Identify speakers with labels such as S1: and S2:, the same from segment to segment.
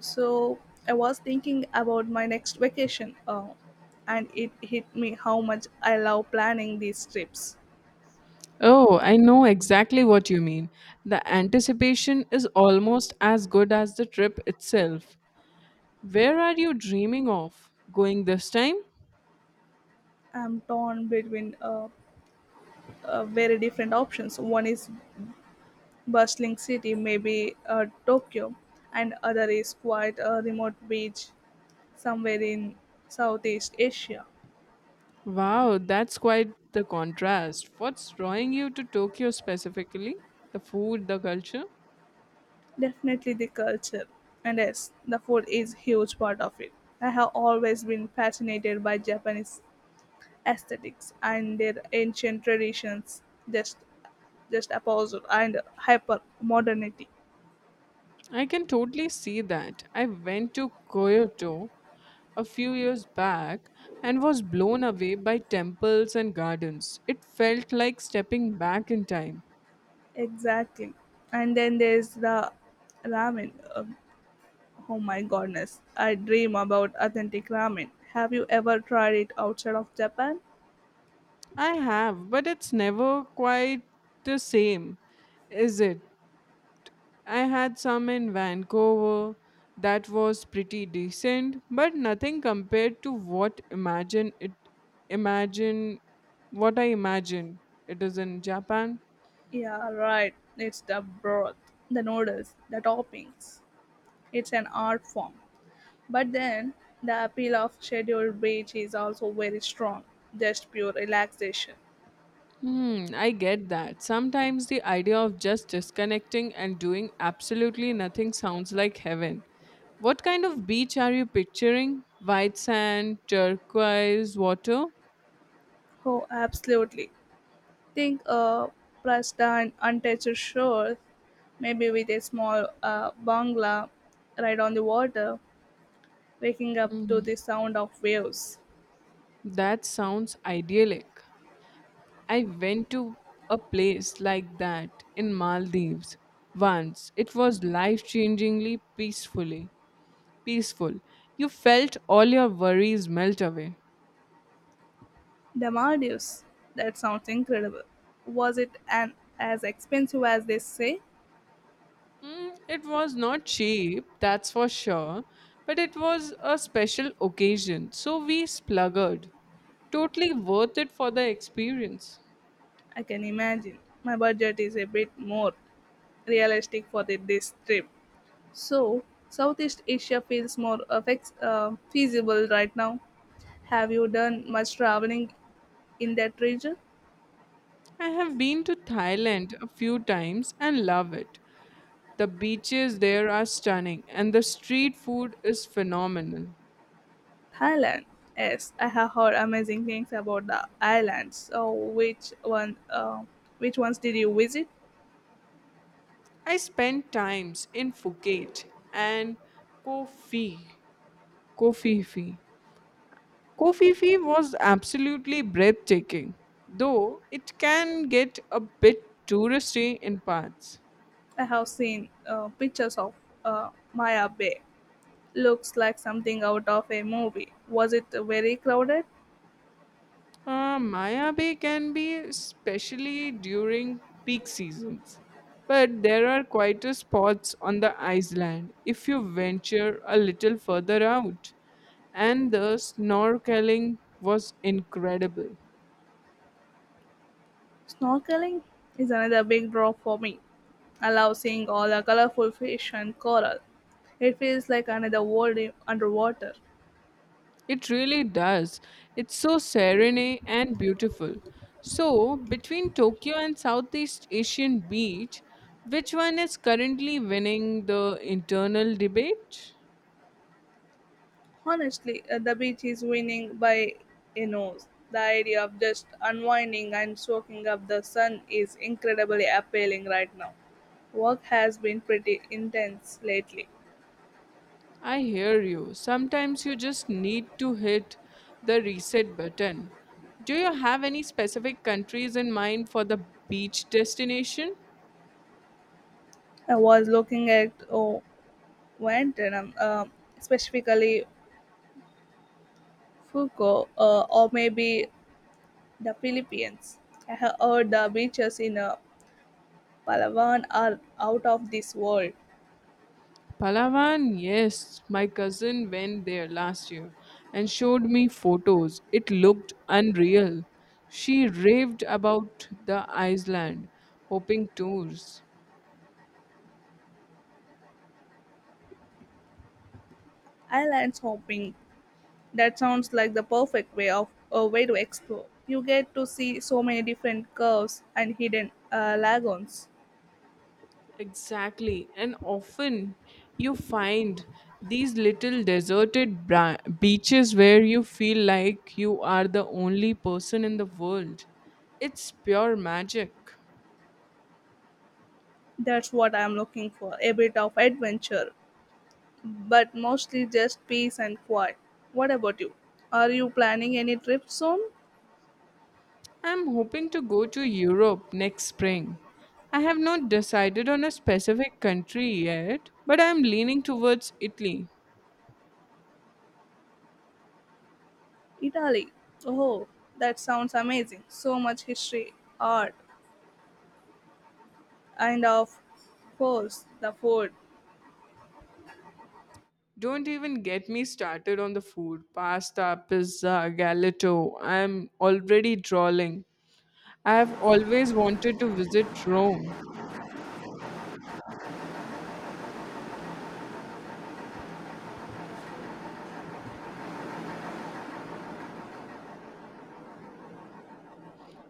S1: So I was thinking about my next vacation, and it hit me how much I love planning these trips.
S2: Oh, I know exactly what you mean. The anticipation is almost as good as the trip itself. Where are you dreaming of going this time?
S1: I'm torn between very different options. One is bustling city, maybe Tokyo, and other is quite a remote beach somewhere in Southeast Asia.
S2: Wow, that's quite the contrast. What's drawing you to Tokyo specifically? The food, the culture?
S1: Definitely the culture, and yes, the food is huge part of it. I have always been fascinated by Japanese aesthetics and their ancient traditions just just opposite and hyper modernity.
S2: I can totally see that. I went to Kyoto a few years back and was blown away by temples and gardens. It felt like stepping back in time.
S1: Exactly. And then there's the ramen. Oh my goodness, I dream about authentic ramen. Have you ever tried it outside of Japan?
S2: I have, but it's never quite the same, is it? I had some in Vancouver that was pretty decent, but nothing compared to imagine what I imagine it is in Japan.
S1: Yeah, right, it's the broth, the noodles, the toppings, it's an art form. But then the appeal of scheduled beach is also very strong, just pure relaxation.
S2: Hmm, I get that. Sometimes the idea of just disconnecting and doing absolutely nothing sounds like heaven. What kind of beach are you picturing? White sand, turquoise, water?
S1: Oh, absolutely. Think a pristine, untouched shore, maybe with a small bungalow right on the water, waking up to the sound of waves.
S2: That sounds idyllic. I went to a place like that in Maldives once. It was life-changingly peaceful. You felt all your worries melt away.
S1: The Maldives. That sounds incredible. Was it an as expensive as they say?
S2: Mm, it was not cheap, that's for sure, but it was a special occasion, so we spluggered. Totally worth it for the experience.
S1: I can imagine. My budget is a bit more realistic for this trip. So, Southeast Asia feels more feasible right now. Have you done much traveling in that region?
S2: I have been to Thailand a few times and love it. The beaches there are stunning, and the street food is phenomenal.
S1: Thailand. Yes, I have heard amazing things about the islands. So, which one? Which ones did you visit?
S2: I spent times in Phuket and Koh Phi. Koh Phi Phi. Koh Phi Phi was absolutely breathtaking, though it can get a bit touristy in parts.
S1: I have seen pictures of Maya Bay. Looks like something out of a movie. Was it very crowded?
S2: Maya Bay can be especially during peak seasons, but there are quieter spots on the island if you venture a little further out. And the snorkeling was incredible.
S1: Snorkeling is another big draw for me. I love seeing all the colorful fish and coral. It feels like another world underwater.
S2: It really does. It's so serene and beautiful. So, between Tokyo and Southeast Asian Beach, which one is currently winning the internal debate?
S1: Honestly, the beach is winning by a nose. The idea of just unwinding and soaking up the sun is incredibly appealing right now. Work has been pretty intense lately.
S2: I hear you. Sometimes you just need to hit the reset button. Do you have any specific countries in mind for the beach destination?
S1: I was looking at, oh, Vietnam, specifically Fuco, or maybe the Philippines. I have heard the beaches in Palawan are out of this world.
S2: Palawan, yes. My cousin went there last year and showed me photos. It looked unreal. She raved about the island, hoping tours.
S1: Islands hopping. That sounds like the perfect way of a way to explore. You get to see so many different curves and hidden lagoons.
S2: Exactly. And often you find these little beaches where you feel like you are the only person in the world. It's pure magic.
S1: That's what I'm looking for. A bit of adventure, but mostly just peace and quiet. What about you? Are you planning any trips soon?
S2: I'm hoping to go to Europe next spring. I have not decided on a specific country yet, but I'm leaning towards Italy.
S1: Italy. Oh, that sounds amazing. So much history, art, and of course, the food.
S2: Don't even get me started on the food pasta, pizza, galato. I'm already drooling. I have always wanted to visit Rome.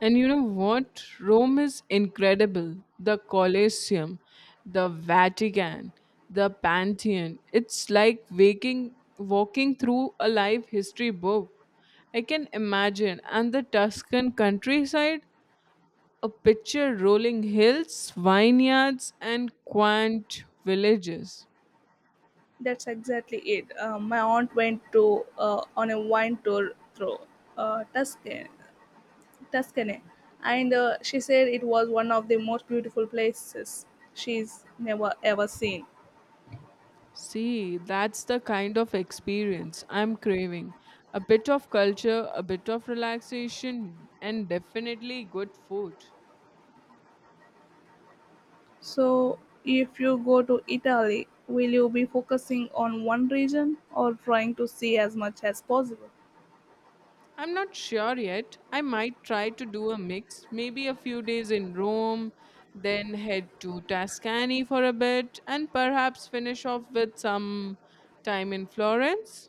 S2: And you know what? Rome is incredible. The Colosseum, the Vatican, the Pantheon. It's like waking walking through a live history book. I can imagine. And the Tuscan countryside, a picture rolling hills, vineyards and quaint villages.
S1: That's exactly it. My aunt went to, on a wine tour through uh, Tuscany Tuscany, and she said it was one of the most beautiful places she's never ever seen.
S2: See, that's the kind of experience I'm craving. A bit of culture, a bit of relaxation, and definitely good food.
S1: So, if you go to Italy, will you be focusing on one region or trying to see as much as possible?
S2: I'm not sure yet. I might try to do a mix, maybe a few days in Rome, then head to Tuscany for a bit, and perhaps finish off with some time in Florence.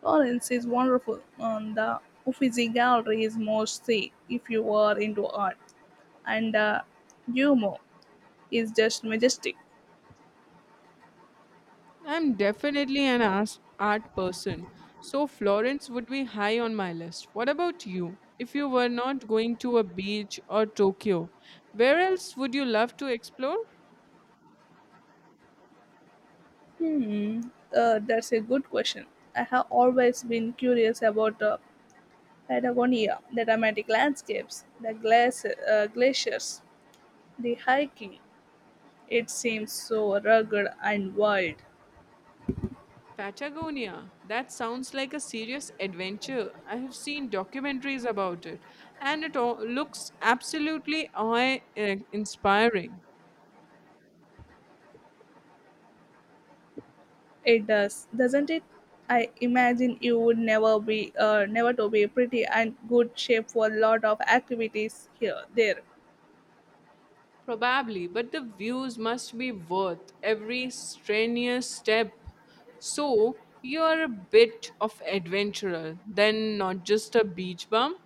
S1: Florence is wonderful, and the Uffizi Gallery is must see if you are into art, and Duomo is just majestic.
S2: I'm definitely art person, so Florence would be high on my list. What about you? If you were not going to a beach or Tokyo, where else would you love to explore?
S1: Hmm, that's a good question. I have always been curious about Patagonia, the dramatic landscapes, the glaciers, the hiking. It seems so rugged and wild.
S2: Patagonia. That sounds like a serious adventure. I have seen documentaries about it, and it all looks absolutely awe-inspiring.
S1: It does, doesn't it? I imagine you would never to be pretty and good shape for a lot of activities here, there.
S2: Probably, but the views must be worth every strenuous step. So you're a bit of adventurer, then not just a beach bum.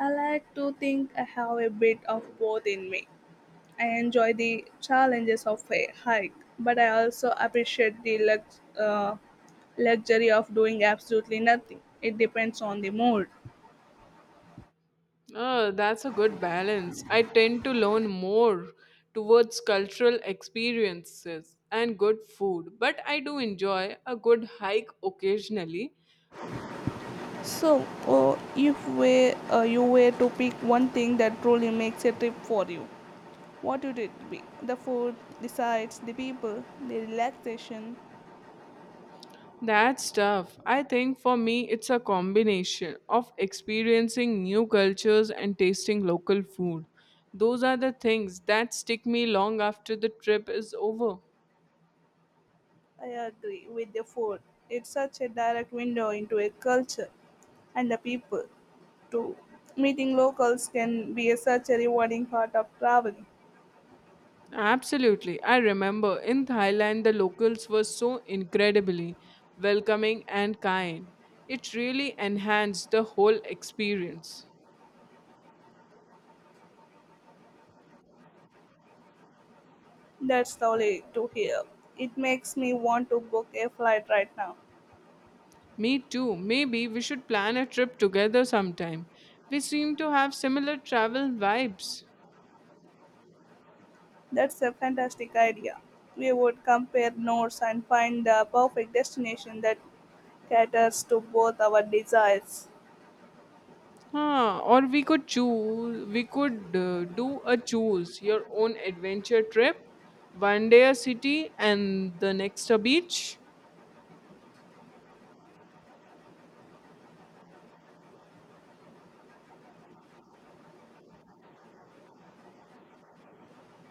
S1: I like to think I have a bit of both in me. I enjoy the challenges of a hike, but I also appreciate the luxury of doing absolutely nothing. It depends on the mood.
S2: Oh, that's a good balance. I tend to lean more towards cultural experiences and good food, but I do enjoy a good hike occasionally.
S1: So, if we, you were to pick one thing that truly makes a trip for you, what would it be? The food, the sights, the people, the relaxation.
S2: That's tough. I think for me, it's a combination of experiencing new cultures and tasting local food. Those are the things that stick me long after the trip is over.
S1: I agree with the food. It's such a direct window into a culture, and the people too. Meeting locals can be a such a rewarding part of traveling.
S2: Absolutely. I remember in Thailand, the locals were so incredibly welcoming and kind. It really enhanced the whole experience.
S1: That's lovely to hear. It makes me want to book a flight right now.
S2: Me too. Maybe we should plan a trip together sometime. We seem to have similar travel vibes.
S1: That's a fantastic idea. We would compare notes and find the perfect destination that caters to both our desires.
S2: Huh, or we could do a choose your own adventure trip, one day a city and the next a beach.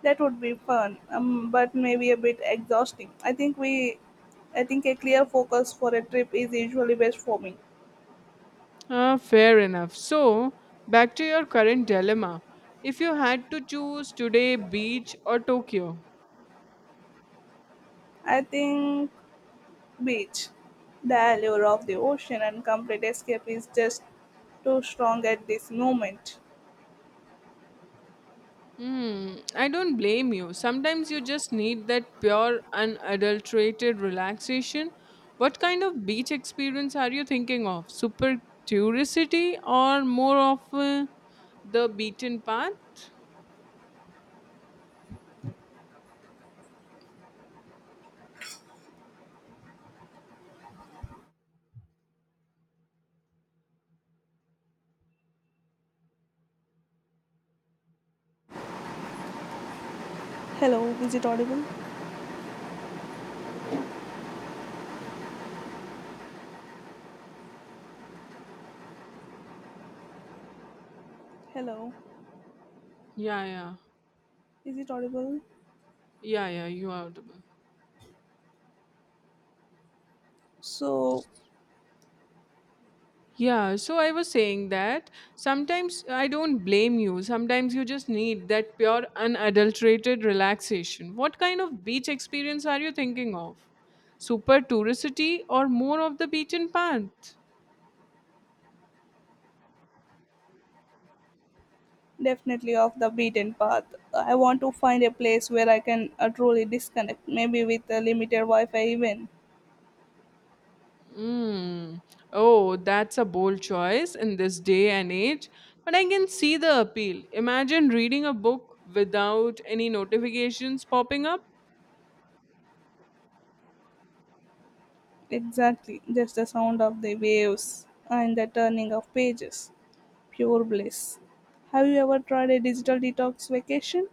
S1: That would be fun, but maybe a bit exhausting. I think a clear focus for a trip is usually best for me.
S2: Ah, fair enough. So, back to your current dilemma. If you had to choose today beach or Tokyo,
S1: I think beach, the allure of the ocean and complete escape is just too strong at this moment.
S2: hmm, I don't blame you. Sometimes you just need that pure, unadulterated relaxation. What kind of beach experience are you thinking of? Super touristy or more of the beaten path?
S1: Hello, is it audible? Hello,
S2: Yeah, yeah.
S1: is it audible?
S2: Yeah, yeah, you are audible.
S1: So
S2: Yeah, so I was saying that sometimes I don't blame you. Sometimes you just need that pure, unadulterated relaxation. What kind of beach experience are you thinking of? Super touristy or more of the beach and path?
S1: definitely off the beaten path. I want to find a place where I can truly disconnect, maybe with a limited Wi-Fi even.
S2: Mm. Oh, that's a bold choice in this day and age, but I can see the appeal. Imagine reading a book without any notifications popping up.
S1: Exactly, just the sound of the waves and the turning of pages. Pure bliss. Have you ever tried a digital detox vacation?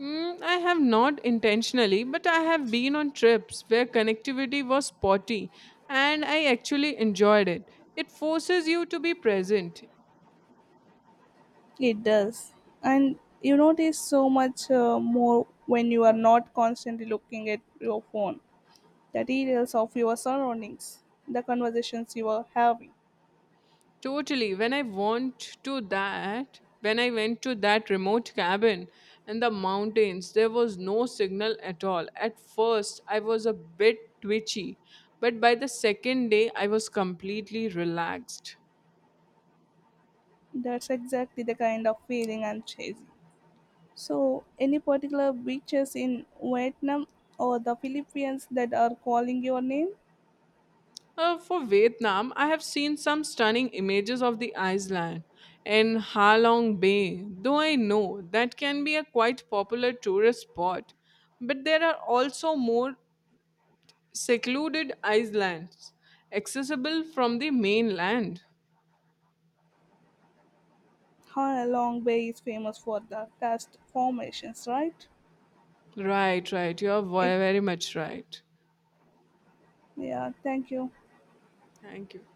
S2: Mm, I have not intentionally, but I have been on trips where connectivity was spotty and I actually enjoyed it. It forces you to be present.
S1: It does. And you notice so much more when you are not constantly looking at your phone, the details of your surroundings, the conversations you are having.
S2: Totally. When I went to that remote cabin in the mountains, there was no signal at all. At first, I was a bit twitchy, but by the second day, I was completely relaxed.
S1: That's exactly the kind of feeling I'm chasing. So, any particular beaches in Vietnam or the Philippines that are calling your name?
S2: For Vietnam, I have seen some stunning images of the island in Ha Long Bay, though I know that can be a quite popular tourist spot. But there are also more secluded islands accessible from the mainland.
S1: Long Bay is famous for the karst formations, right?
S2: Right.
S1: It,
S2: Very much right.
S1: yeah, thank you.
S2: Thank you.